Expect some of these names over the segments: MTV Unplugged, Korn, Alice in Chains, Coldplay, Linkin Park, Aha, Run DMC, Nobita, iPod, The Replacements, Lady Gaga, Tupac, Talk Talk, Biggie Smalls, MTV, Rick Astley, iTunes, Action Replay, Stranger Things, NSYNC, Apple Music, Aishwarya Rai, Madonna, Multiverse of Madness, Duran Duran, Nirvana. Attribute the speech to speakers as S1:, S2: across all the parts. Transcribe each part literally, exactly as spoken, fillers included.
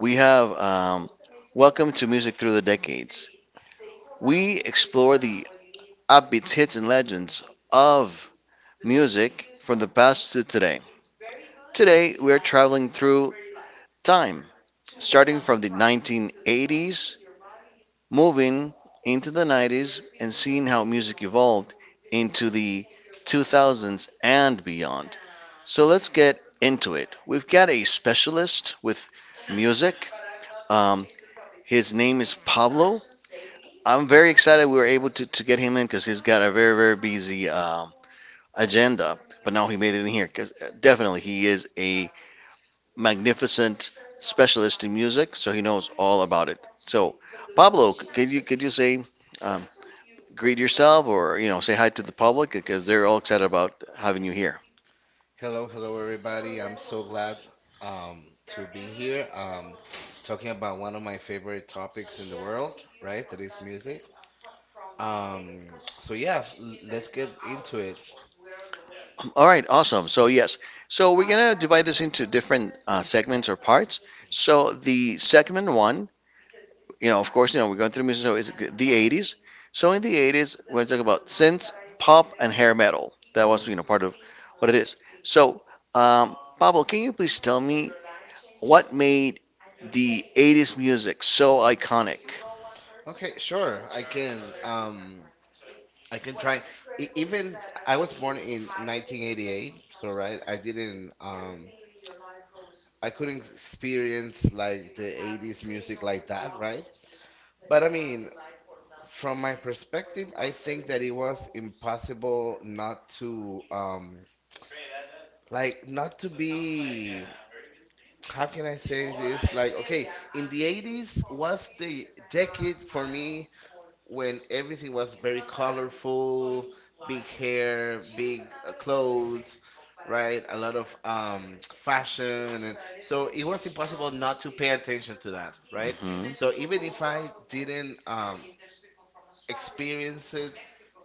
S1: We have um, Welcome to Music Through the Decades. We explore the upbeats, hits, and legends of music from the past to today. Today, we are traveling through time, starting from the nineteen eighties, moving into the nineties, and seeing how music evolved into the two thousands and beyond. So, let's get into it. We've got a specialist with music. Um, His name is Pablo. I'm very excited we were able to, to get him in because he's got a very, very busy um, agenda. But now he made it in here because definitely he is a magnificent specialist in music, so he knows all about it. So, Pablo, could you could you say, um, greet yourself, or you know say hi to the public because they're all excited about having you here.
S2: Hello, hello, everybody. I'm so glad um, to be here um, talking about one of my favorite topics in the world, right? That is music. Um, so, yeah, l- let's get into it.
S1: All right, awesome. So yes, so we're gonna divide this into different uh, segments or parts. So the segment one, you know, of course, you know, we're going through music, so it's the eighties. So in the eighties, we're talking about synth, pop, and hair metal. That was,
S2: Hmm
S1: you know, part of what it is. So, um, Pablo, can you please tell me what made the eighties music so iconic?
S2: Okay, sure. I can um I can try. E- even I was born in nineteen eighty-eight, so right, I didn't um I couldn't experience like the eighties music like that, right? But I mean, from my perspective, I think that it was impossible not to um like not to be, how can I say this? Like okay, in the eighties was the decade for me when everything was very colorful, big hair, big uh, clothes, right? A lot of um fashion, and so it was impossible not to pay attention to that, right?
S1: Hmm.
S2: So even if I didn't um experienced it,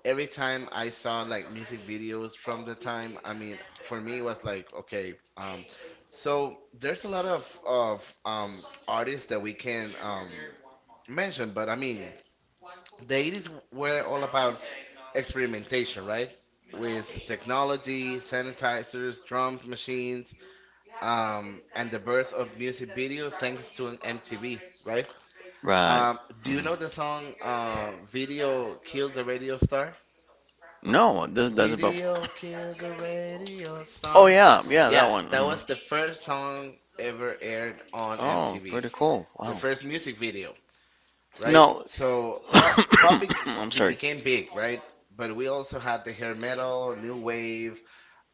S2: every time I saw like music videos from the time. I mean, for me, it was like, okay, um, so there's a lot of of um artists that we can um mention, but I mean, the eighties were all about experimentation, right? With technology, sanitizers, drums, machines, um, and the birth of music video thanks to an M T V, right?
S1: Right.
S2: Um, do you know the song uh, "Video Killed the Radio Star"?
S1: No, this doesn't pop.
S2: Video killed the radio
S1: Oh,
S2: star.
S1: yeah, yeah, that
S2: Yeah,
S1: one.
S2: that was the
S1: Mhm.
S2: first song ever aired on
S1: Oh,
S2: M T V.
S1: pretty cool.
S2: The
S1: Wow.
S2: first music video, right?
S1: No.
S2: So pop pop bec-
S1: I'm
S2: be-
S1: sorry.
S2: became big, right? But we also had the hair metal, new wave,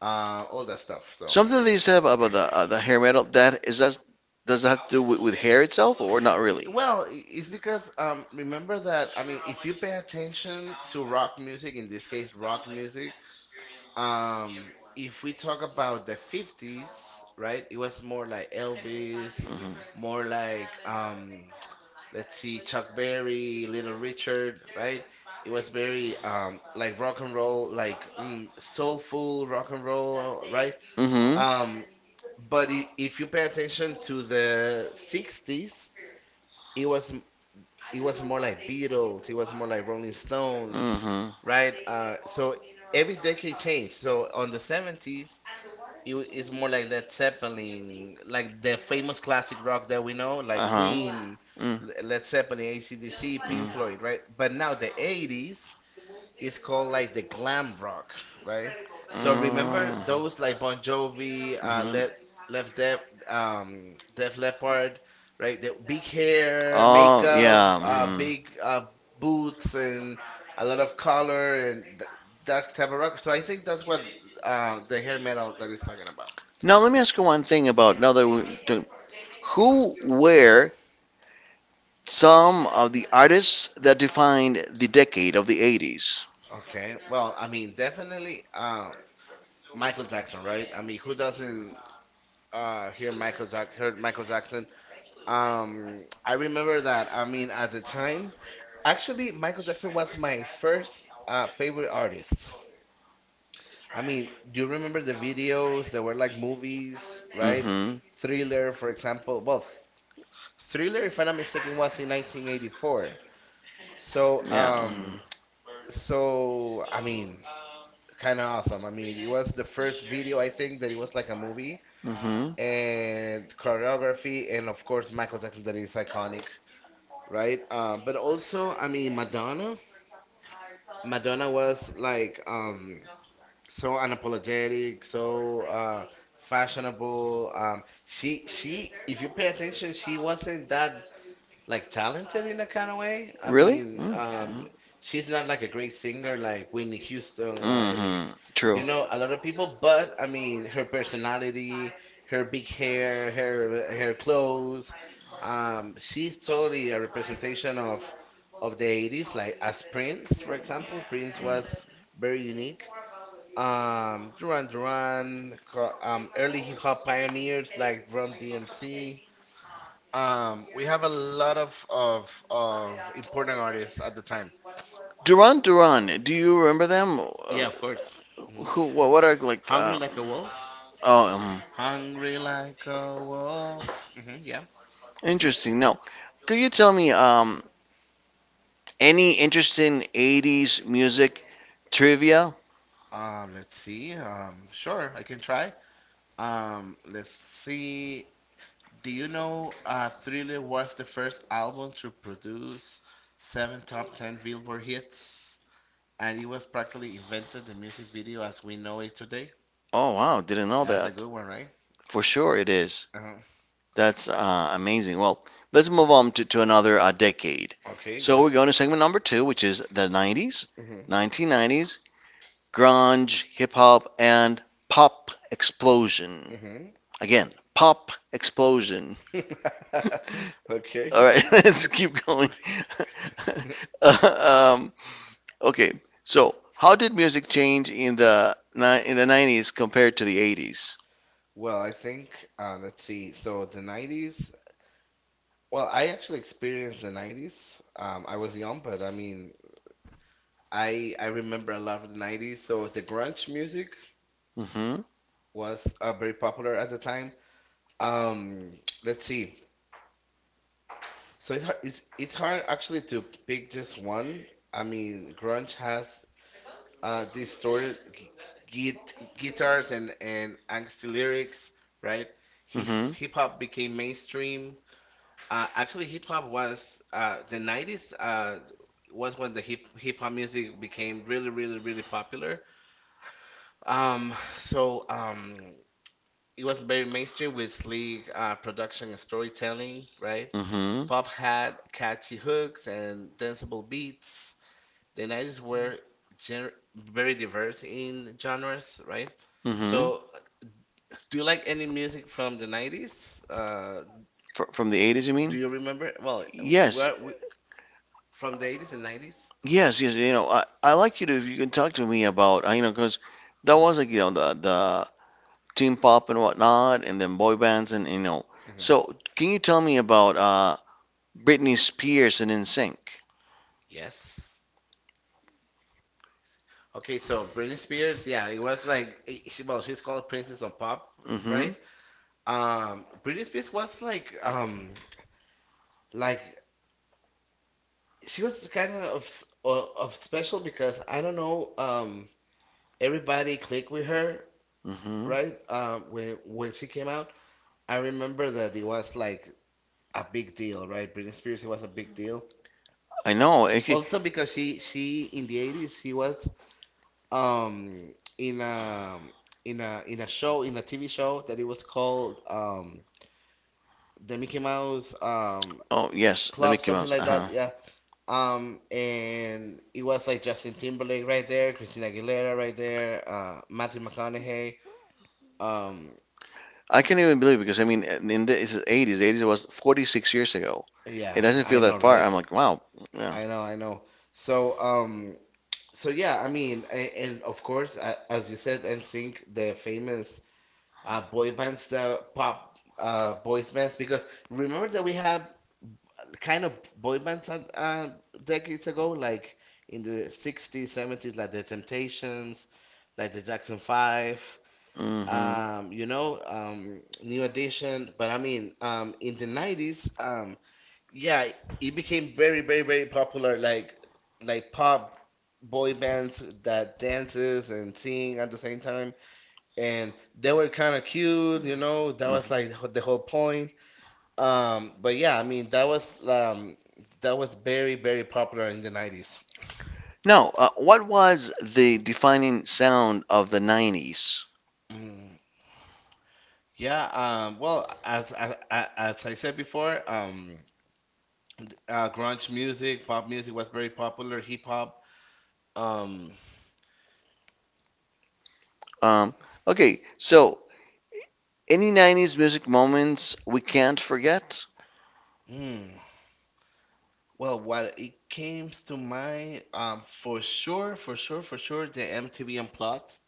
S2: uh, all that stuff. So
S1: Something that you said about the uh, the hair metal, that is, that does that have to do with, with hair itself or not really?
S2: well, i- it's because um, remember that, I mean, if you pay attention to rock music, in this case, rock music, um, if we talk about the fifties, right, it was more like Elvis,
S1: Mhm.
S2: more like um, let's see, Chuck Berry, Little Richard, right? It was very um, like rock and roll, like mm, soulful rock and roll, right?
S1: Mhm.
S2: Um, but i- if you pay attention to the sixties, it was m- it was more like Beatles, it was more like Rolling Stones,
S1: Mhm.
S2: right? Uh, so every decade changed. So on the seventies, it wa- it's more like Led Zeppelin, like the famous classic rock that we know, like
S1: Uh-huh.
S2: Queen,
S1: Mm. Mhm.
S2: L- Led Zeppelin, A C/D C, Pink Floyd, right? But now the eighties, it's called like the glam rock, right? So remember those like Bon Jovi, uh, Le Left Def, um, Def Leppard, right? The big hair,
S1: Oh
S2: makeup,
S1: yeah.
S2: uh,
S1: Mhm.
S2: big uh, boots, and a lot of color and th that type of rock. So I think that's what uh, the hair metal that is talking about.
S1: Now let me ask you one thing about now that we to- who were some of the artists that defined the decade of the eighties?
S2: Okay, well, I mean, definitely um, Michael Jackson, right? I mean, who doesn't uh, hear Michael Jack heard Michael Jackson? Um, I remember that. I mean, at the time, actually, Michael Jackson was my first uh, favorite artist. I mean, do you remember the videos? There were like movies, right?
S1: Mhm.
S2: Thriller, for example. Well, Thriller, if I'm not mistaken, was in nineteen eighty-four. So,
S1: Yeah.
S2: um, so I mean, kind of awesome. I mean, it was the first video I think that it was like a movie
S1: Hmm.
S2: and choreography, and of course Michael Jackson that is iconic, right? Uh, but also, I mean, Madonna. Madonna was like um, so unapologetic, so uh, fashionable. Um, she she, if you pay attention, she wasn't that like talented in a kind of way. I
S1: Really?
S2: mean, um,
S1: Mm-hmm.
S2: she's not like a great singer like Whitney Houston, like,
S1: Hmm. True.
S2: you know, a lot of people. But I mean, her personality, her big hair, her her clothes, um, she's totally a representation of of the eighties. Like as Prince, for example, Prince was very unique. Um, Duran Duran, co- um, early hip hop pioneers like Rum D M C, um, we have a lot of of of important artists at the time.
S1: Duran Duran, do you remember them?
S2: Yeah,
S1: Uh,
S2: of course. Hmm
S1: Who? What, what are like?
S2: Hungry
S1: Uh,
S2: like a wolf.
S1: oh, um,
S2: Hungry like a wolf. Hmm yeah.
S1: interesting. Now, could you tell me um any interesting eighties music trivia?
S2: Um, let's see. Um, sure, I can try. Um, let's see. Do you know uh, Thriller was the first album to produce seven top ten Billboard hits, and it was practically invented the music video as we know it today?
S1: Oh wow, didn't know
S2: That's a
S1: that.
S2: good one, right?
S1: For sure, it is.
S2: Uh-huh.
S1: That's uh, amazing. Well, let's move on to, to another uh, decade. Okay.
S2: Okay, go
S1: So
S2: ahead.
S1: we're going to segment number two, which is the nineties,
S2: Hmm
S1: nineteen nineties, grunge, hip hop, and pop explosion.
S2: hmm
S1: Again, pop explosion. Okay.
S2: Okay.
S1: All right, let's keep going. Uh, um, okay, so how did music change in the ni- in the nineties compared to the eighties?
S2: Well, I think uh, let's see. So the nineties. Well, I actually experienced the nineties. Um, I was young, but I mean, I I remember a lot of the nineties. So the grunge music
S1: Mm-hmm.
S2: was uh, very popular at the time. Um, let's see. So it's hard, it's it's hard actually to pick just one. I mean, grunge has uh, distorted g- git- guitars, and, and angsty lyrics, right? He,
S1: Mm-hmm.
S2: hip
S1: Hip
S2: hop
S1: hop
S2: became
S1: became mainstream.
S2: mainstream. Uh, actually, hip hop was uh, the nineties uh, was when the hip hip hop music became really, really, really popular. Um, so um, it was very mainstream with sleek uh, production and storytelling, right?
S1: Mm-hmm.
S2: Pop had catchy hooks and danceable beats, the nineties were gen very diverse in genres, right?
S1: Mm-hmm. So.
S2: So, do you like any music from the nineties? Uh,
S1: Fr From the eighties, you do
S2: do you
S1: mean?
S2: remember? Well,
S1: Yes,
S2: where we, from the eighties and nineties?
S1: yes, yes. You know, I, I like you to, if you can talk to me about, I- you know, because that was like, you know, the, the teen pop and whatnot, and then boy bands, and, you know.
S2: Mhm.
S1: So, can you tell me about uh, Britney Spears and NSYNC?
S2: Yes. Okay, so Britney Spears, yeah, it was like, eh, she, well, she's called Princess of Pop,
S1: Mm-hmm.
S2: right? Um, Britney Spears was like, um, like she was kind of of, s- o- of special because I don't know, um, everybody clicked with her,
S1: Mm-hmm.
S2: right? Um, when when she came out, I remember that it was like a big deal, right? Britney Spears, it was a big deal.
S1: I know. It, ca-
S2: Also because she she in the eighties she was um, in a in a in a show, in a T V show that it was called um, the Mickey Mouse um,
S1: Well, oh, yes, let me
S2: club,
S1: come out.
S2: something like
S1: Something Uh-huh.
S2: that. Yeah. Um, and it was like Justin Timberlake right there, Christina Aguilera right there, uh, Matthew McConaughey. Um,
S1: I can't even believe it, because, I mean, in the it's the eighties, the eighties was forty-six years ago.
S2: Yeah,
S1: It doesn't
S2: I
S1: feel
S2: know,
S1: that far, right?
S2: right?
S1: I'm like, wow. Yeah.
S2: I know, I know. So, um, so yeah, I mean, and, and of course, a as you said, N Sync, the famous uh, boy bands, the pop uh, boys bands, because remember that we had kind of boy bands at, uh, decades ago, like in the sixties, seventies, like the Temptations, like the Jackson five,
S1: I know. Mm-hmm.
S2: um, you know, um, New Edition. But I mean, um, in the nineties, yeah, it became very, very, very popular. Like like pop boy bands that dances and sing at the same time, and they were kind of cute, you know. That was like h- the whole point. Um, but yeah, I mean that was um, that was very, very popular in the nineties.
S1: No. Uh, what was the defining sound of the nineties?
S2: Mm. Yeah, um, well, as, as as I said before, um, uh, grunge music, pop music was very popular, hip hop. Um,
S1: Um, okay, so any nineties music moments we can't forget?
S2: mm. Well, what it came to mind, um, for sure, for sure, for sure, the M T V Unplugged.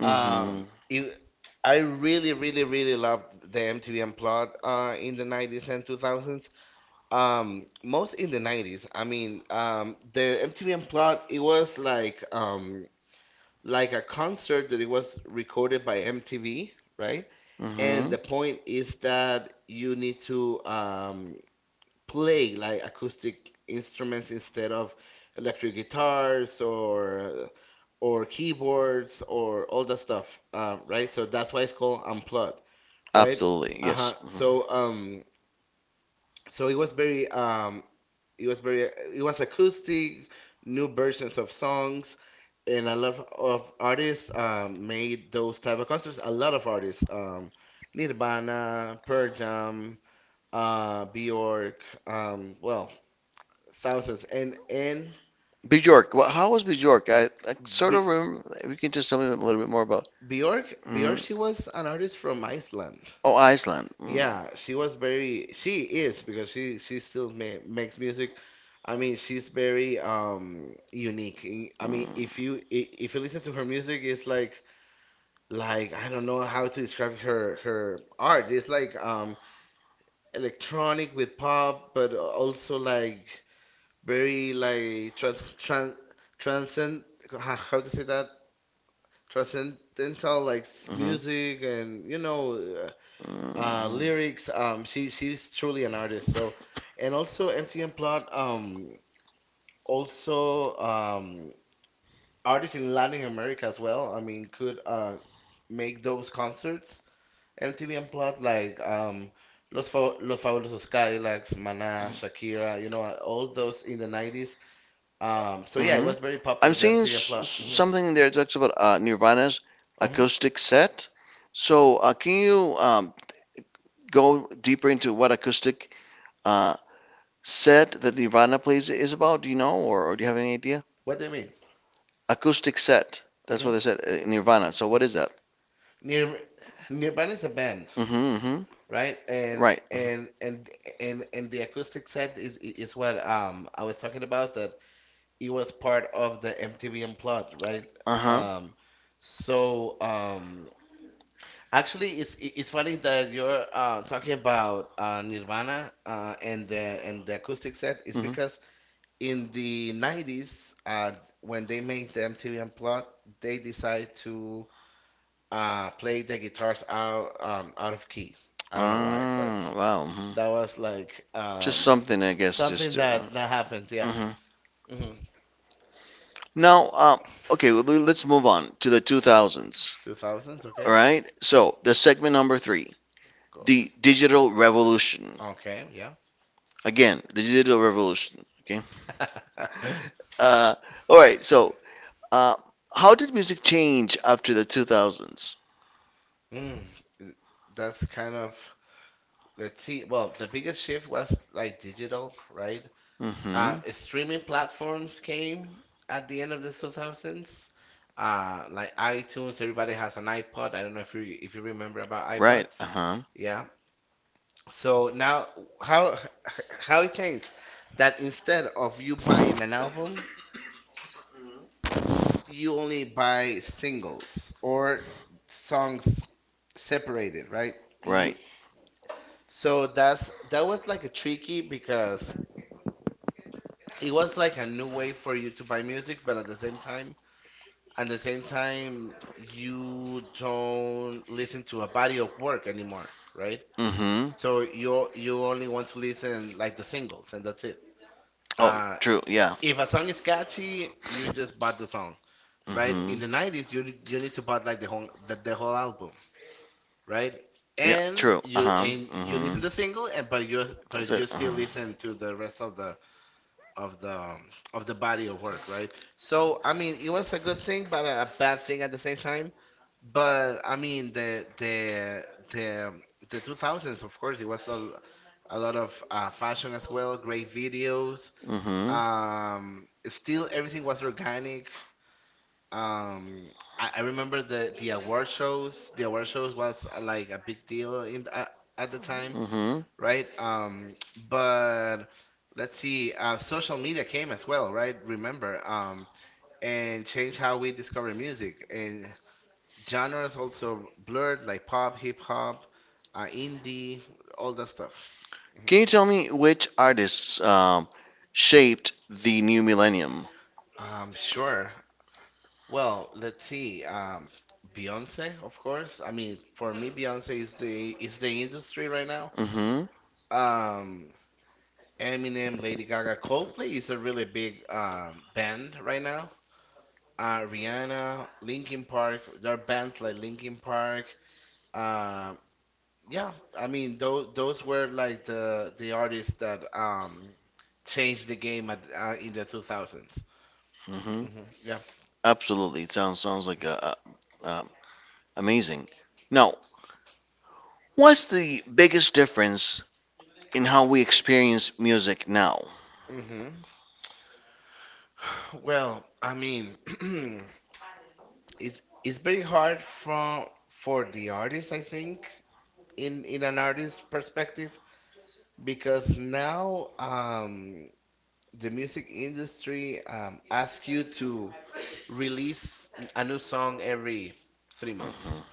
S1: Mm-hmm.
S2: Um, it, I really, really, really loved the M T V Unplugged uh, in the nineties and two thousands. Um, most in the nineties. I mean, um, the M T V Unplugged, it was like um, like a concert that it was recorded by M T V, right?
S1: And
S2: And the
S1: Mm-hmm.
S2: point is that you need to um, play like acoustic instruments instead of electric guitars or uh, or keyboards or all that stuff, um, right? So that's why it's called unplugged, right?
S1: Absolutely, yes.
S2: Uh-huh.
S1: Mm-hmm.
S2: So um, so it was very um, it was very, it was acoustic, new versions of songs, and a lot of artists um, made those type of concerts. A lot of artists, um, Nirvana, Pearl Jam, uh, Bjork, um, well, thousands. And and
S1: Bjork, wha- how was Bjork? I, I sort
S2: B-
S1: of remember, if you can just tell me a little bit more about.
S2: Bjork
S1: Hmm.
S2: Bjork, she was an artist from Iceland.
S1: Oh, Iceland. Mm-hmm.
S2: Yeah, she was very, she is, because she she still ma- makes music. I mean, she's very um, unique. I I mean, if you i- if you listen to her music, it's like like I don't know how to describe her her art. It's like um, electronic with pop, but also like very like trans trans transcend how how to say that transcendental like s-
S1: Mm-hmm.
S2: music and you know uh, uh,
S1: Mm-hmm.
S2: lyrics. Um, she she's truly an artist. So, and also M T M Plot um, also um, artists in Latin America as well. I mean, could uh, make those concerts. M T V Unplugged like um, Los Fa Los Fabulosos Cadillacs, Maná, Shakira. You know, uh, all those in the nineties. Um, so yeah, it
S1: Hmm.
S2: was very popular.
S1: I'm
S2: The
S1: seeing
S2: M T V
S1: s-
S2: Unplugged. Mm-hmm.
S1: something in there that talks about uh, Nirvana's
S2: Uh-huh.
S1: acoustic set. So, uh, can you um, go deeper into what acoustic uh, set that Nirvana plays is about? Do you know, or, or do you have any idea?
S2: What do you mean?
S1: Acoustic set. That's what they
S2: Mm-hmm.
S1: said, uh, Nirvana. So, what is that?
S2: Nir Nirvana is a band,
S1: Mm-hmm. Hmm.
S2: right? And
S1: Right.
S2: and and and and the acoustic set is is what um, I was talking about, that it was part of the M T V Unplugged, right?
S1: Uh-huh.
S2: Um, so um, actually it's i- it's funny that you're uh, talking about uh, Nirvana uh, and the and the acoustic set,
S1: think
S2: is
S1: Mm-hmm.
S2: because in the nineties uh, when they made the M T V Unplugged, they decide to uh, played the guitars out um, out of key. I
S1: um,
S2: don't know why, but
S1: Ah, wow.
S2: that
S1: Hmm.
S2: was like
S1: Just
S2: um,
S1: um, something, I guess,
S2: something
S1: just to.
S2: that that happens, yeah.
S1: Hmm.
S2: hmm
S1: Now, uh, okay, well, let's move on to the two thousands.
S2: two thousands,
S1: All
S2: okay?
S1: right. So the segment number three,
S2: Go-
S1: the digital revolution.
S2: Okay, yeah.
S1: Again, the digital revolution. Okay. Uh, all right. So uh, how did music change after the two thousands?
S2: mm, that's kind of, let's see. Well, the biggest shift was like digital, right? Uh,
S1: Mm-hmm.
S2: streaming platforms came at the end of the two thousands. Uh, like iTunes, everybody has an iPod. I don't know if you if you remember about
S1: Right.
S2: iPods.
S1: Uh huh.
S2: Yeah. So now how how it changed, that instead of you buying an album, you only buy singles or songs separated, right? You
S1: Right.
S2: so that's that was like a tricky because it was like a new way for you to buy music, but at the same time at the same time, you don't listen to a body of work anymore, right?
S1: Mm-hmm.
S2: So you you only want to listen like the singles, and that's it. Uh,
S1: Oh, true. Yeah.
S2: if a song is catchy, you just bought the song, right? In
S1: Mm-hmm.
S2: the nineties, you you need to buy like the whole the, the whole album, right?
S1: Yeah.
S2: And
S1: True. Uh
S2: you
S1: huh.
S2: and you listen
S1: Mm-hmm.
S2: to the
S1: That's
S2: single, and but you but you
S1: it. Uh
S2: still listen to
S1: huh.
S2: the rest of the of the um, of the body of work, right? So I mean, it was a good thing, but a bad thing at the same time. But I mean, the the the um, the two thousands, of course, it was a, a lot of uh, fashion as well, great videos.
S1: Mm-hmm.
S2: Um, still, everything was organic. Um, I, I remember the the award shows. The award shows was uh, like a big deal in uh, at the time,
S1: Mm-hmm.
S2: right? Um, but let's see, uh, social media came as well, right? Remember, um, and changed how we discover music, and genres also blurred, like pop, hip hop, uh, indie, all that stuff. Mhm.
S1: Can you tell me which artists um, shaped the new millennium?
S2: Um, sure. Well, let's see. Um, Beyonce, of course. I mean, for me, Beyonce is the is the industry right now.
S1: Hmm.
S2: Um, Eminem, Lady Gaga, Coldplay is a really big um, band right now. uh, Rihanna, Linkin Park. There are bands like Linkin Park. Um, yeah, I mean those those were like the the artists that um, changed the game at, uh, in the two thousands.
S1: Hmm.
S2: Hmm Yeah.
S1: Absolutely. It Sounds sounds like a, a, um, amazing. Now, what's the biggest difference in how we experience music now?
S2: hmm Well, I mean, it's it's very hard for for the artist, I think, in in an artist's perspective, because now um, the music industry um, asks you to release a new song every three months,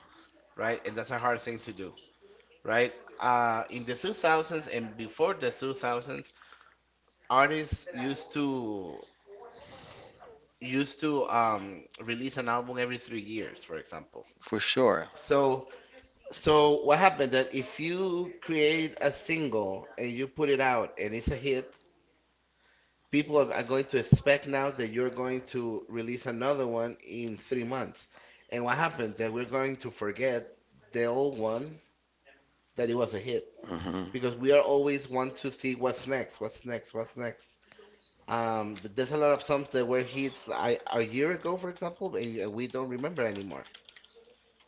S2: right? And that's a hard thing to do, right? Uh, in the two thousands and before the two thousands, artists used to used to um, release an album every three years, for example.
S1: For sure.
S2: So, so what happened that if you create a single and you put it out and it's a hit, people are, are going to expect now that you're going to release another one in three months. And what happened? That we're going to forget the old one that it was a hit
S1: Hmm.
S2: because we are always want to see what's next, what's next, what's next. Um, th- there's a lot of songs that were hits like a year ago, for example, and y- we don't remember anymore.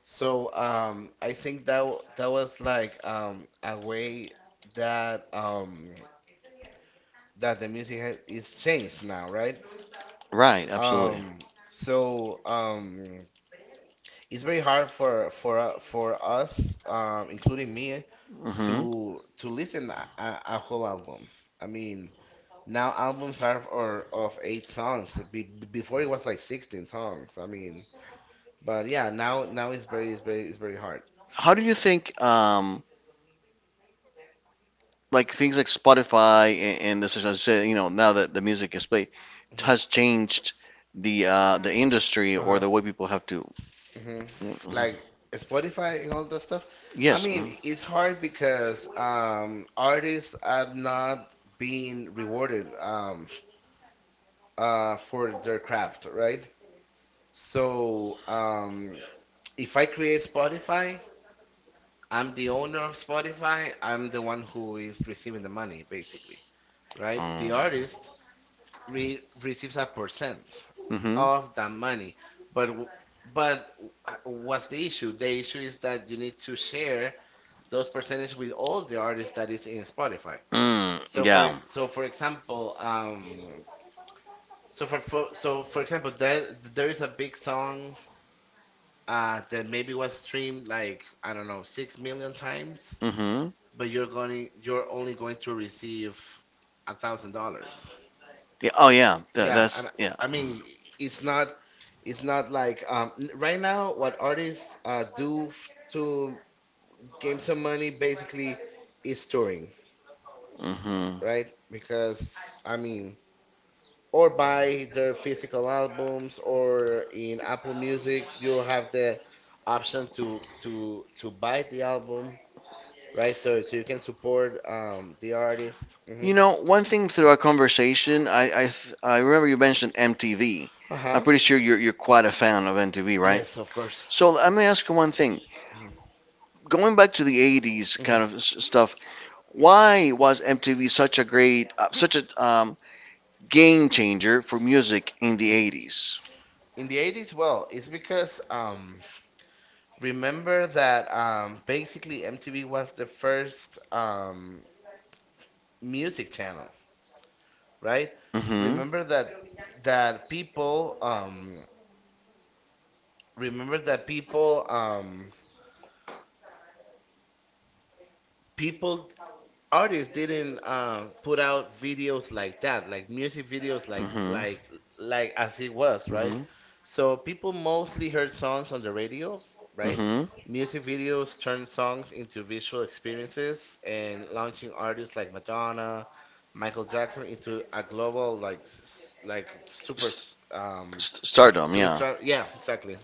S2: So um, I think that w- that was like um, a way that um, that the music has, is changed now, right?
S1: Right. Absolutely.
S2: Um, so um, it's very hard for for uh, for us, um, including me,
S1: Hmm.
S2: to to listen a, a a whole album. I mean, now albums are or of eight songs. Be, be- before it was like sixteen songs. I mean, but yeah, now now it's very it's very it's very hard.
S1: How do you think um, like things like Spotify and, and this is as I said, you know now that the music is played
S2: Mhm.
S1: has changed the uh, the industry or
S2: Uh-huh.
S1: the way people have to.
S2: hmm
S1: Like,
S2: Like Spotify and all that stuff. I
S1: yes. Mhm.
S2: mean, it's hard because
S1: just, uh,
S2: um, artists are not being rewarded um, uh, for their craft, right? So um, if I create Spotify, I'm the owner of Spotify. I'm the one who is receiving the money, basically, right? The
S1: Mm.
S2: artist re receives a percent
S1: Mhm.
S2: of that money, but w- but w- what's the issue? The issue is that you need to share those percentage with all the artists that is in Spotify.
S1: Mm.
S2: So for e-
S1: Yeah.
S2: so for example, um, so for, for so for example, there there is a big song uh, that maybe was streamed like I don't know six million times,
S1: Mhm.
S2: but you're going you're only going to receive a thousand dollars.
S1: Yeah. Oh yeah. That,
S2: Yeah, I
S1: that's yeah.
S2: I mean it's not it's not like um, n- right now what artists uh, do f- to gain some money basically is touring.
S1: Mhm.
S2: Right? Because I mean, or buy their physical albums, or in Apple Music, you have the option to to to buy the album, right? So so you can support um the artist. Hmm
S1: You know, one thing through our conversation, I I, th- I remember you mentioned M T V. I'm
S2: Uh-huh.
S1: pretty sure you're you're quite a fan of M T V, right?
S2: Yes, of course.
S1: So let me ask you one thing,
S2: Hmm
S1: going back to the eighties
S2: hmm
S1: kind of s- stuff. Why was MTV such a great, uh, such a, um, game changer for music in the eighties?
S2: In the eighties, well, it's because um, remember that um, basically M T V was the first um, music channel, right?
S1: Mm-hmm.
S2: remember that that people um remember that people um people artists didn't um put out videos like that, like music videos, like
S1: Mm-hmm.
S2: like like as it was, right?
S1: Mm-hmm.
S2: So people mostly heard songs on the radio, right?
S1: Mm-hmm.
S2: Music videos turned songs into visual experiences and launching artists like Madonna, Michael Jackson into a global like s- s- like super s-
S1: S-
S2: um
S1: s- Stardom, yeah.
S2: superstar, yeah, exactly.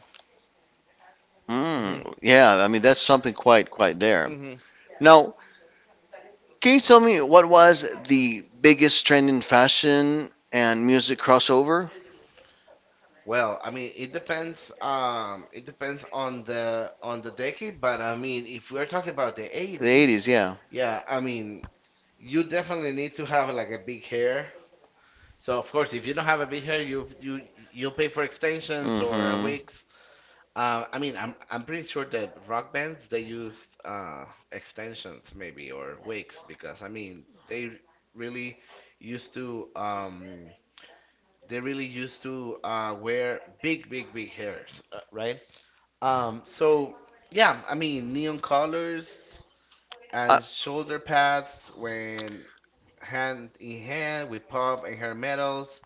S2: hmm
S1: mm, Yeah, I mean that's something quite quite there.
S2: hmm
S1: Now, can you tell me what was the biggest trend in fashion and music crossover?
S2: Well, I mean, it depends. Um, it depends on the on the decade, but I mean, if we're talking about the
S1: The eighties.
S2: eighties,
S1: eighties, yeah.
S2: yeah, I mean, you definitely need to have like a big hair. So of course, if you don't have a big hair, you you you'll pay for extensions or uh,
S1: Hmm.
S2: wigs. Um, I mean, I'm I'm pretty sure that rock bands they used uh, extensions maybe or wigs because I mean they really used to. Um, they really used to uh, wear big, big, big hairs, uh, right? Um, so yeah, I mean neon colors
S1: Uh, Uh,
S2: and shoulder pads when hand in hand with pop and hair metals,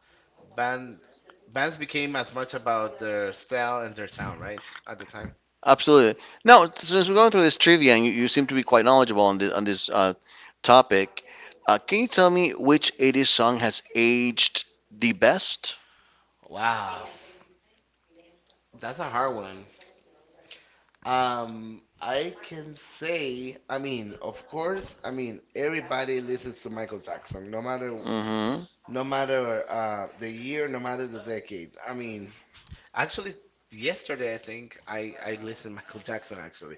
S2: band bands became as much about their style and their sound, right? At the time.
S1: Absolutely. Now, since we're going through this trivia, and you, you seem to be quite knowledgeable on this on this uh, topic, uh, can you tell me which eighties song has aged the best?
S2: Wow, that's a hard one. Um, I can say, I mean, of course, I mean, everybody listens to Michael Jackson, no matter
S1: Mm-hmm. Um,
S2: no matter uh, the year, no matter the decade. I mean, actually, yesterday I think I I listened Michael Jackson actually,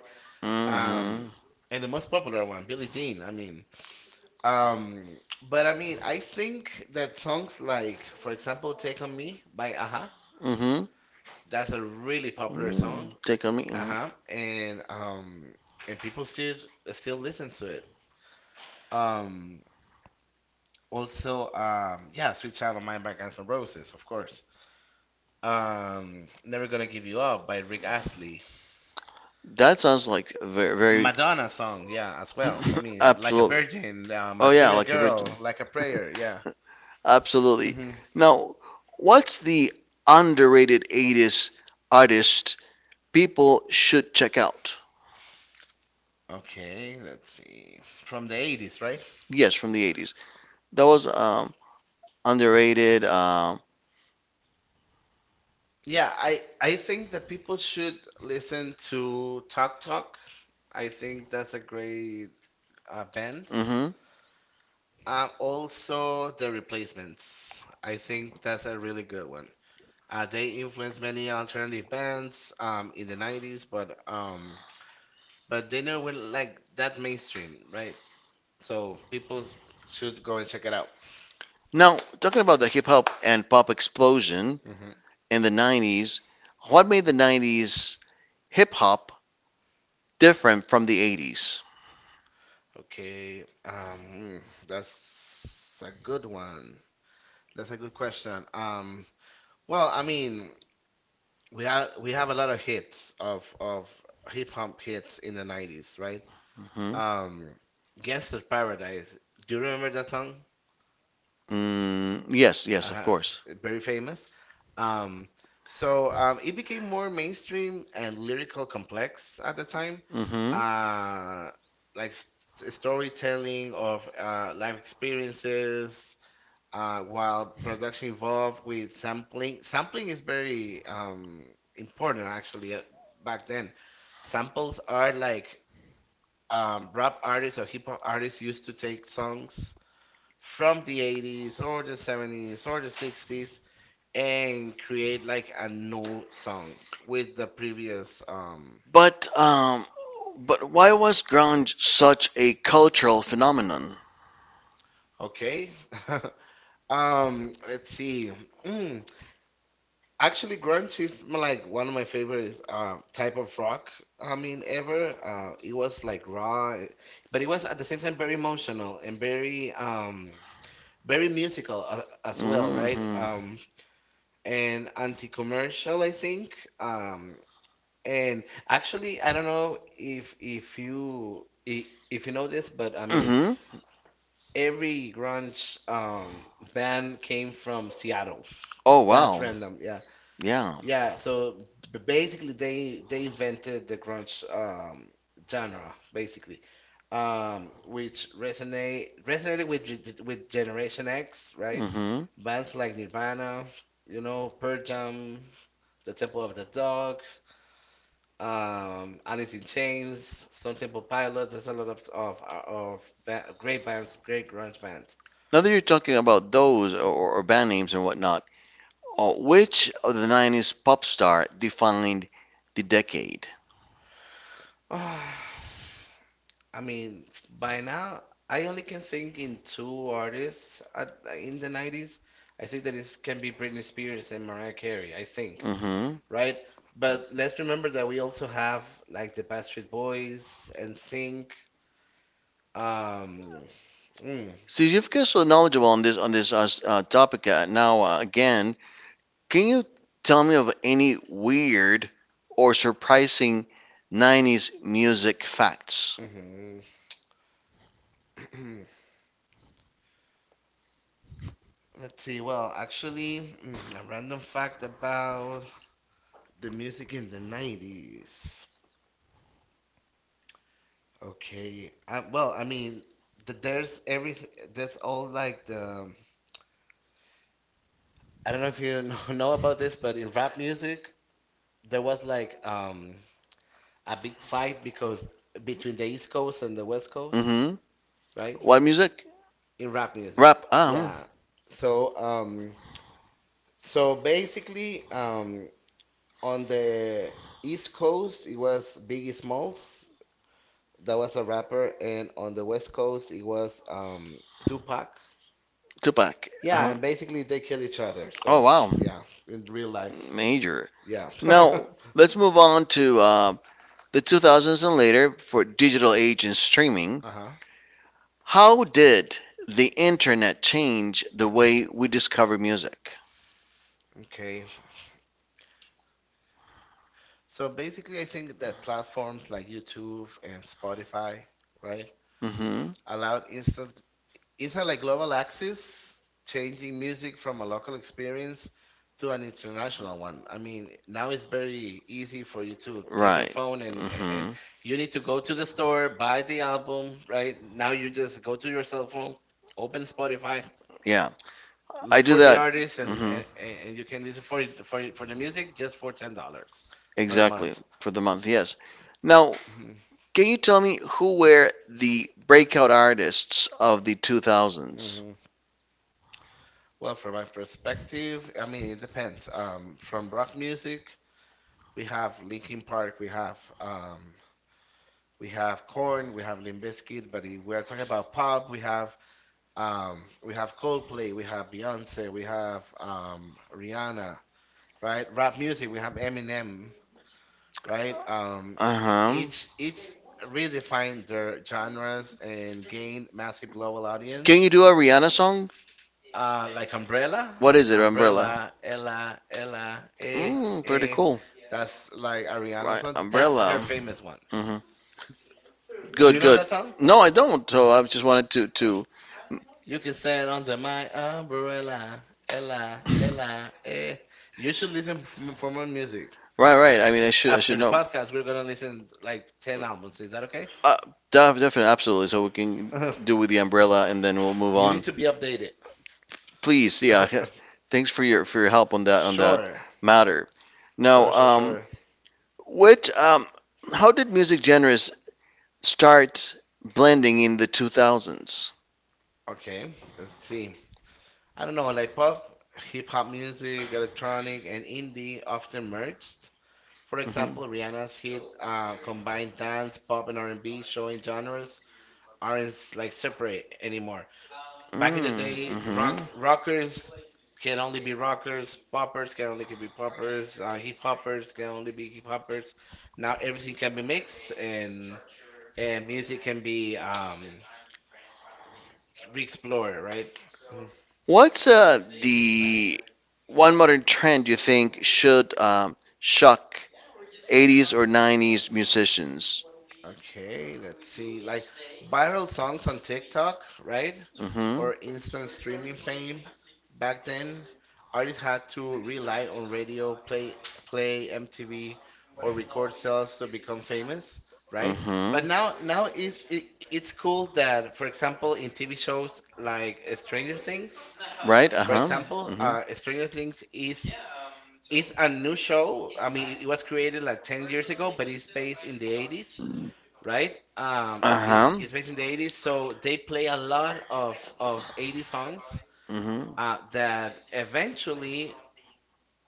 S2: um,
S1: Mm-hmm.
S2: and the most popular one, Billie Jean. I mean, um, but I mean, I think that songs like, for example, "Take on Me" by Aha,
S1: Mm-hmm.
S2: that's a really popular song.
S1: Mm, take on me. Uh mhm.
S2: Uh-huh. And um and people still still listen to it. Um Also um yeah, Sweet Child of Mine by Guns N' Roses, of course. Um, Never Gonna Give You Up by Rick Astley.
S1: That sounds like very, very.
S2: Madonna song, yeah, as well. I mean, Like a
S1: Absolutely.
S2: Virgin, uh,
S1: Oh yeah,
S2: Material
S1: like a virgin.
S2: Girl, Like a Prayer, yeah.
S1: Absolutely.
S2: hmm
S1: Now, what's the underrated eighties artist people should check out?
S2: Okay, let's see. From the eighties, right?
S1: Yes, from the eighties. That was um, underrated. Um,
S2: Yeah, I I think that people should listen to Talk Talk. I think that's a great uh, band.
S1: hmm.
S2: Uh, also, The Replacements. I think that's a really good one. Uh, they influenced many alternative bands um, in the nineties, but um, but they never went like that mainstream, right? So people should go and check it out.
S1: Now, talking about the hip hop and pop explosion
S2: Hmm
S1: in the nineties, what made the nineties hip hop different from the eighties?
S2: Okay, um, mm, that's a good one. That's a good question. Um, well, I mean, we have we have a lot of hits of of hip hop hits in the nineties, right?
S1: Mm-hmm.
S2: Um, Gangsta's Paradise. Do you remember that song?
S1: Mm, yes, yes, of
S2: uh,
S1: course.
S2: Very famous. Um, so um, it became more mainstream and lyrical complex at the time.
S1: Mm-hmm.
S2: Uh, like st Storytelling of uh, life experiences, uh, while production involved with sampling. Sampling is very um, important actually uh, back then. Samples are like um, rap artists or hip hop artists used to take songs from the eighties or the seventies or the sixties and create like a new song with the previous um
S1: But um, but why was grunge such a cultural phenomenon?
S2: okay um let's see, mm, actually grunge is m- like one of my favorite uh, type of rock, I mean ever. Uh it was like raw, eh, but it was at the same time very emotional and very um very musical, uh, as well, right? Um
S1: Mm-hmm.
S2: and anti-commercial, I think. Um And Actually, I don't know if if you i- if you know this, but I mean,
S1: Mm-hmm.
S2: every grunge um, band came from Seattle.
S1: Oh,
S2: That's
S1: that, wow.
S2: random, yeah,
S1: Yeah.
S2: yeah. So b- basically, they they invented the grunge um, genre, basically, um, which resonate resonated with ge- ge- with Generation X, right?
S1: Mm-hmm.
S2: hmm Bands like Nirvana, you know, Pearl Jam, The Temple of the Dog, um, Alice in Chains, Stone Temple Pilots. There's a lot of of uh, of ba- great bands, great grunge bands.
S1: Now that you're talking about those or, or band names and whatnot, uh, which of the nineties pop star defined the decade?
S2: Ah, I mean, by now I only can think in two artists at, in the nineties. I think that is can be Britney Spears and Mariah Carey. I think,
S1: Mm-hmm.
S2: right? But let's remember that we also have like the Backstreet Boys and Sync. Um, mm,
S1: See, you've got so knowledgeable on this on this uh, s- uh, topic, uh, now. Uh, again, can you tell me of any weird or surprising nineties music facts?
S2: mhm. Let's see. Well, actually, mm, a random fact about the music in the nineties. Okay. I, well, I mean, the, there's everything. That's all like the. I don't know if you know, know about this, but in rap music, there was like um a big fight because between the East Coast and the West Coast,
S1: Mm-hmm.
S2: right?
S1: What music?
S2: In rap music.
S1: Rap. Um,
S2: Yeah. So um so basically um on the East Coast, it was Biggie Smalls, that was a rapper, and on the West Coast it was um, Tupac.
S1: Tupac.
S2: Yeah,
S1: Uh-huh.
S2: and basically they kill each other.
S1: Oh,
S2: So
S1: wow.
S2: yeah, in real life.
S1: Major.
S2: Yeah.
S1: Now, let's move on to uh, the two thousands and later for digital age and streaming.
S2: Uh-huh.
S1: How did the internet change the way we discover music?
S2: Okay. So basically, I think that platforms like YouTube and Spotify, right,
S1: Mm-hmm.
S2: allowed instant, it's a like global axis, changing music from a local experience to an international one. I mean, now it's very easy for you to take your
S1: Right.
S2: phone and a- and
S1: Mm-hmm.
S2: you need to go to the store, buy the album, right? Now you just go to your cell phone, open Spotify,
S1: Yeah. I
S2: look
S1: do
S2: for the, exactly,
S1: that.
S2: artist, and
S1: Hmm.
S2: and, and you can listen for it- for it- for the music just for ten dollars per
S1: Exactly.
S2: month.
S1: month. For the month, yes. Now,
S2: Mhm.
S1: can you tell me who were the breakout artists of the two thousands?
S2: Well, from my perspective, I mean, it depends. Um, from rock music, we have Linkin Park, we have um, we have Korn, we have Limp Bizkit, but if we are talking about pop, we have um, we have Coldplay, we have Beyonce, we have um, Rihanna, right? Rap music, we have Eminem, right? Um, e-
S1: Uh-huh.
S2: each each redefined their genres and gained massive global, can, audience.
S1: Can you
S2: You
S1: do a Rihanna
S2: song?
S1: song?
S2: Uh, like umbrella,
S1: What is it, Umbrella?
S2: umbrella, Ella, Ella, eh,
S1: Mm, pretty
S2: eh.
S1: cool.
S2: That's like Ariana's
S1: Right,
S2: song. That's
S1: Umbrella.
S2: her famous one.
S1: Hmm. You
S2: Do
S1: Good,
S2: you
S1: You
S2: know
S1: good.
S2: that song?
S1: No, I don't. So I just wanted to
S2: Oh,
S1: to
S2: you can stand under my umbrella, Ella, Ella, eh. You should listen f- for more music.
S1: right, right. I mean, I should I
S2: After
S1: should
S2: the
S1: After
S2: podcast, we're
S1: know.
S2: gonna listen like ten albums. Is that okay?
S1: Uh, def- Definitely, absolutely. So we can do with the umbrella, and then we'll move
S2: You
S1: on.
S2: need to be updated.
S1: Please, yeah. Thanks for your for your help on that on that Sure.
S2: Sure,
S1: matter.
S2: sure,
S1: Now,
S2: sure,
S1: um,
S2: sure.
S1: what um, how did music genres start blending in the two thousands?
S2: Okay, let's see. I don't know, like pop, hip hop music, electronic, and indie often merged. For example,
S1: Mhm.
S2: Rihanna's hit, uh, combined dance, pop, and R and B, showing genres aren't like separate anymore.
S1: Mm,
S2: Back in the day,
S1: mhm.
S2: rock rockers can only be rockers, poppers can only can be poppers, uh, hip hoppers can only be hip hoppers. Now everything can be mixed, and and music can be um, re-explored, right? Mm-hmm.
S1: What's uh, the one modern trend you think should um, shock eighties or nineties musicians?
S2: Okay, let's see. Like viral songs on TikTok, right?
S1: Hmm.
S2: Or instant streaming fame. Back then, artists had to rely on radio, play, play M T V, or record sales to become famous,
S1: Hmm.
S2: right?
S1: Hmm.
S2: But now, now it's it, it's cool that, for example, in T V shows like uh, Stranger Things,
S1: Right? for
S2: for
S1: Uh-huh.
S2: example,
S1: Hmm.
S2: uh, Stranger Things is is a new show. I mean, it was created like ten years ago, but it's based in the eighties, right? Um, it,
S1: Uh-huh.
S2: it's based in the eighties, so they play a lot of of eighty songs,
S1: Hmm.
S2: uh, that eventually,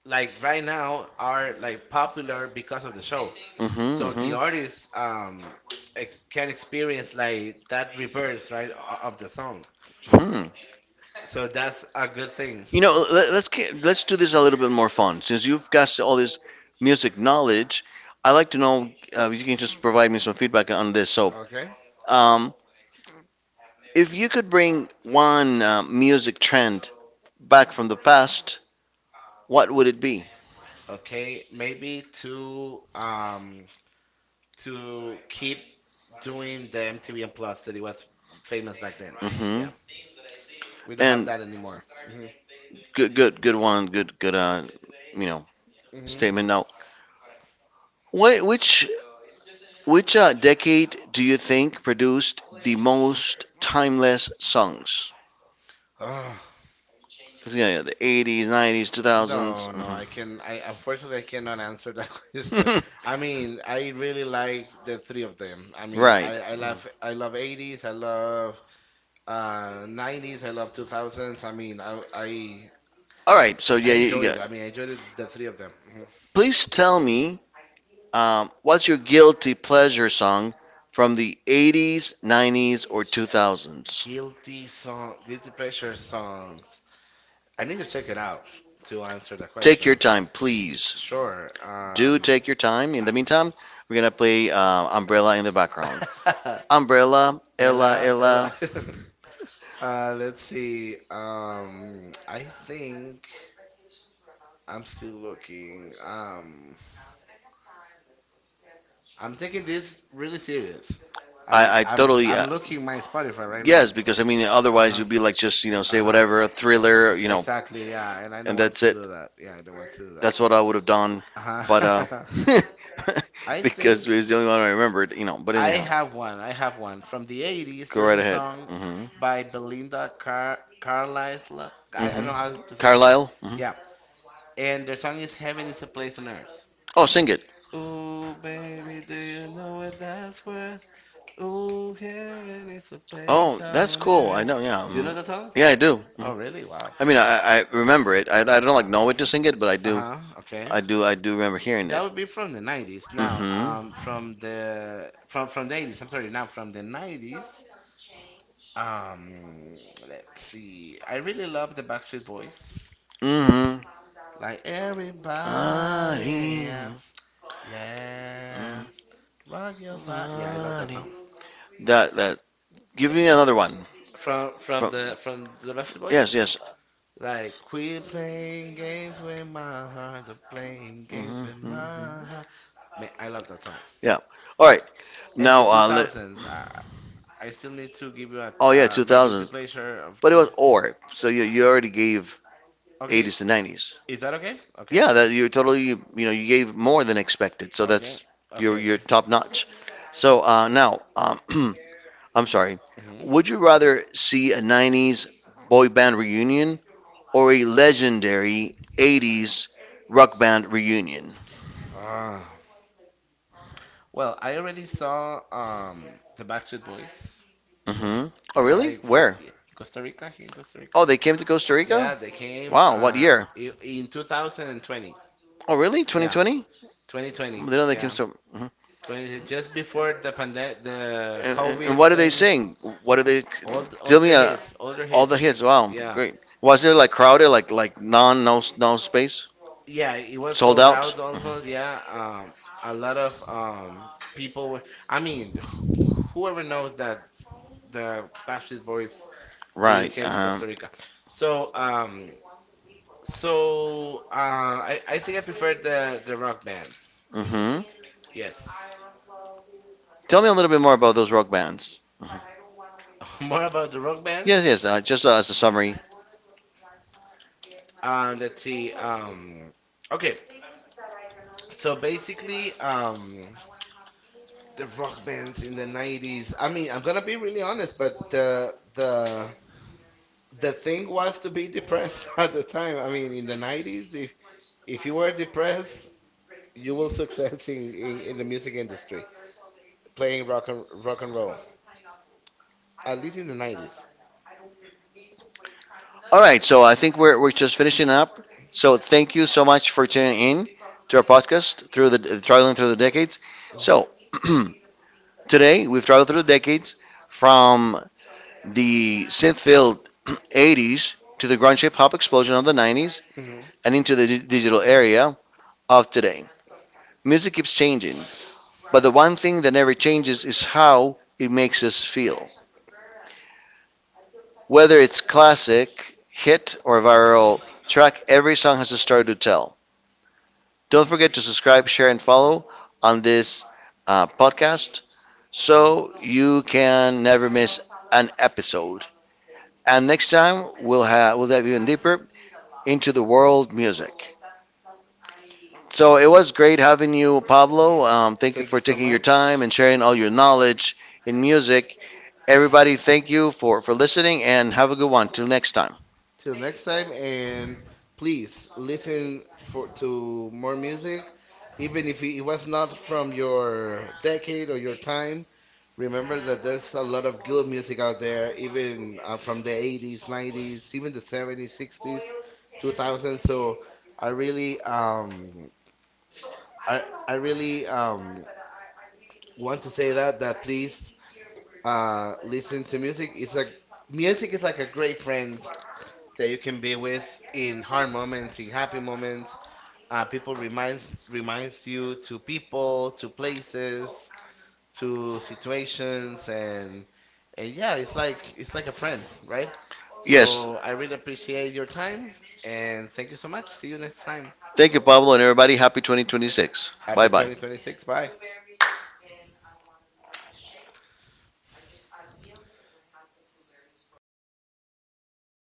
S2: like right now, are like popular because of the show.
S1: Hmm.
S2: So
S1: Hmm.
S2: the artists, um, ex- can experience like that rebirth, right, o- of the song.
S1: Hmm.
S2: So that's a good thing.
S1: You know, let, let's get, let's do this a little bit more fun. Since you've got all this music knowledge, I like to know uh, if you can just provide me some feedback on this. So,
S2: Okay.
S1: um, if you could bring one uh, music trend back from the past, what would it be?
S2: Okay, maybe to um to keep doing the M T V and Plus that it was famous back then.
S1: Hmm.
S2: Yeah, we don't have
S1: And
S2: that anymore. Mhm.
S1: good, good, good one, good, good. Uh, you know,
S2: Mhm.
S1: Statement. Now, wh- which which uh, decade do you think produced the most timeless songs?
S2: Ah.
S1: 'Cause, you yeah, the eighties, nineties, two thousands.
S2: No, no, I can. I unfortunately, I cannot answer that question.
S1: Hmm.
S2: I mean, I really like the three of them. I mean,
S1: Right.
S2: right. I I love I love eighties, I love uh nineties, I love two thousands. I mean, I I
S1: All right. So
S2: I
S1: yeah, you you
S2: enjoy it.
S1: got.
S2: I mean, I enjoyed it, the three of them. Mhm.
S1: Please tell me, Um, what's your guilty pleasure song from the eighties, nineties, or two thousands?
S2: Guilty song, guilty pleasure songs. I need to check it out to answer the Take
S1: Take your
S2: question.
S1: time, please.
S2: Sure. Do
S1: Do
S2: Um,
S1: take your time. In the meantime, we're gonna play uh, Umbrella in the
S2: the
S1: background.
S2: background.
S1: Umbrella, Ella,
S2: Ella, Ella.
S1: Ella.
S2: Uh, let's see. Um, I think I'm still looking. Um, I'm taking this really serious. I mean,
S1: I, I
S2: I I'm
S1: totally.
S2: I'm
S1: uh,
S2: looking my Spotify right now.
S1: Yes, because I mean, otherwise
S2: Uh-huh.
S1: you'd be like just you know say
S2: Uh-huh.
S1: whatever thriller, you know,
S2: Exactly. Yeah, and I
S1: and
S2: don't want That's
S1: that's
S2: to it.
S1: it.
S2: Do that. Yeah, I don't want to do that.
S1: That's what I would have done, but uh,
S2: Uh-huh. I
S1: because it
S2: think
S1: was the only one I remembered, you know. But
S2: I
S1: anyhow,
S2: have one. I have one from the eighties.
S1: go
S2: There's
S1: right
S2: a
S1: ahead.
S2: song
S1: Hmm.
S2: f- by Belinda Car Carlisle. I, I don't
S1: Hmm.
S2: know how to say.
S1: Carlisle. Hmm.
S2: Yeah, and their song is "Heaven is a Place on Earth."
S1: Oh, sing it.
S2: Ooh, baby, do you know what that's worth? Ooh, heaven is a, oh, place
S1: Oh, that's
S2: on
S1: cool. I
S2: earth.
S1: know. Yeah.
S2: Do you
S1: Mhm.
S2: know that song?
S1: Yeah, I do.
S2: Oh, really? Wow.
S1: I mean, I, I remember it. I, I don't like
S2: Uh,
S1: know it to sing it, but I do.
S2: huh. Okay.
S1: I do. I do remember hearing it.
S2: That would be from the nineties. Now, mm-hmm, um,
S1: Hmm.
S2: from the from from the eighties. I'm sorry. Now from the nineties. Um, let's see. I really love the Backstreet Boys.
S1: Hmm.
S2: Like everybody, yeah, yeah, rock your body. Yeah, I love that song.
S1: That that Give me another one.
S2: From from
S1: From
S2: the from the Backstreet Boys.
S1: Yes, yes.
S2: Like quit playing games with my heart, of playing games
S1: Hmm.
S2: with
S1: Hmm.
S2: my heart. Man, I love that song.
S1: Yeah. All right.
S2: And the
S1: Now, uh, let,
S2: two thousands, I I still need to give you a
S1: oh yeah,
S2: uh, my guilty
S1: two thousands,
S2: pleasure of
S1: but it was
S2: two.
S1: or. So you you already gave
S2: Okay,
S1: eighties to nineties.
S2: is that okay? Okay,
S1: Yeah, that you're totally, you know you gave more than expected. So
S2: okay,
S1: that's
S2: okay,
S1: you're you're
S2: okay.
S1: top notch. So uh, now, um, I'm sorry.
S2: Hmm.
S1: Would you rather see a nineties boy band reunion or a legendary eighties rock band reunion?
S2: Uh, well, I already saw um the Backstreet Boys
S1: Mm-hmm. Oh, really?
S2: like for
S1: Where?
S2: in Costa Rica, here in Costa Rica.
S1: Oh, they came to Costa
S2: Yeah,
S1: Rica?
S2: they came
S1: Wow, uh, what, Uh,
S2: uh
S1: year?
S2: i- in twenty twenty.
S1: Oh, really?
S2: Yeah,
S1: twenty twenty? They know they came
S2: yeah,
S1: so. Mhm.
S2: twenty just before the pandemic, the
S1: And, and, and what
S2: COVID
S1: do they
S2: thing.
S1: sing? What do they?
S2: Old Tell
S1: Tell me
S2: older
S1: uh,
S2: hits,
S1: all
S2: older, oh,
S1: all the hits.
S2: hits.
S1: hits. Wow,
S2: Yeah,
S1: great. Was it like crowded, like like non no no space,
S2: yeah, it was
S1: sold
S2: sold
S1: out?
S2: out, out almost. Yeah,
S1: Hmm.
S2: um, a lot of um people. Were, I mean, wh- whoever knows that the Backstreet Boys
S1: we
S2: will
S1: Right.
S2: came to
S1: Uh
S2: Costa Rica. So um so uh, I I think I prefer the the rock band.
S1: huh. Hmm.
S2: Yes.
S1: Tell me a little bit more about those rock bands.
S2: More about the rock bands.
S1: Yes, yes. Uh, just uh, as a summary.
S2: Um, let's see. Um, okay, so basically, um, the rock bands in the nineties. I mean, I'm gonna be really honest, but the the the thing was to be depressed at the time. I mean, in the nineties, if if you were depressed, you will success in in, in the music industry. Playing rock and rock and roll, at least in the nineties.
S1: All right, so I think we're, we're just finishing up. So thank you so much for tuning in to our podcast through the traveling through the decades. So today we've traveled through the decades from the synth-filled eighties to the grunge hip-hop explosion of the nineties
S2: Mm-hmm.
S1: and into the di- digital area of today. Music keeps changing, but the one thing that never changes is how it makes us feel. Whether it's classic, hit, or viral track, every song has a story to tell. Don't forget to subscribe, share, and follow on this uh, podcast so you can never miss an episode. And next time we'll have we'll dive even deeper into the world music. So it was great having you, Pablo. Um, thank you
S2: Thank you
S1: for
S2: so
S1: taking your time
S2: much.
S1: and sharing all your knowledge in music. Everybody, thank you for for listening and have a good one. Till next time.
S2: Till next time, and please listen for to more music, even if it was not from your decade or your time. Remember that there's a lot of good music out there, even uh, from the eighties, nineties, even the seventies, sixties, two thousands. So I really, um, I, I really, um, want to say that that please, uh, listen to music is a music is like a great friend that you can be with in hard moments, in happy moments. Uh, people reminds reminds you to people, to places, to situations, and and yeah, it's like it's like a friend, right?
S1: Yes,
S2: So I really appreciate your time and thank you so much. See you next time.
S1: thank you, Pablo, and everybody. Happy twenty twenty-six.
S2: Happy
S1: Bye bye.
S2: twenty twenty-six. Bye.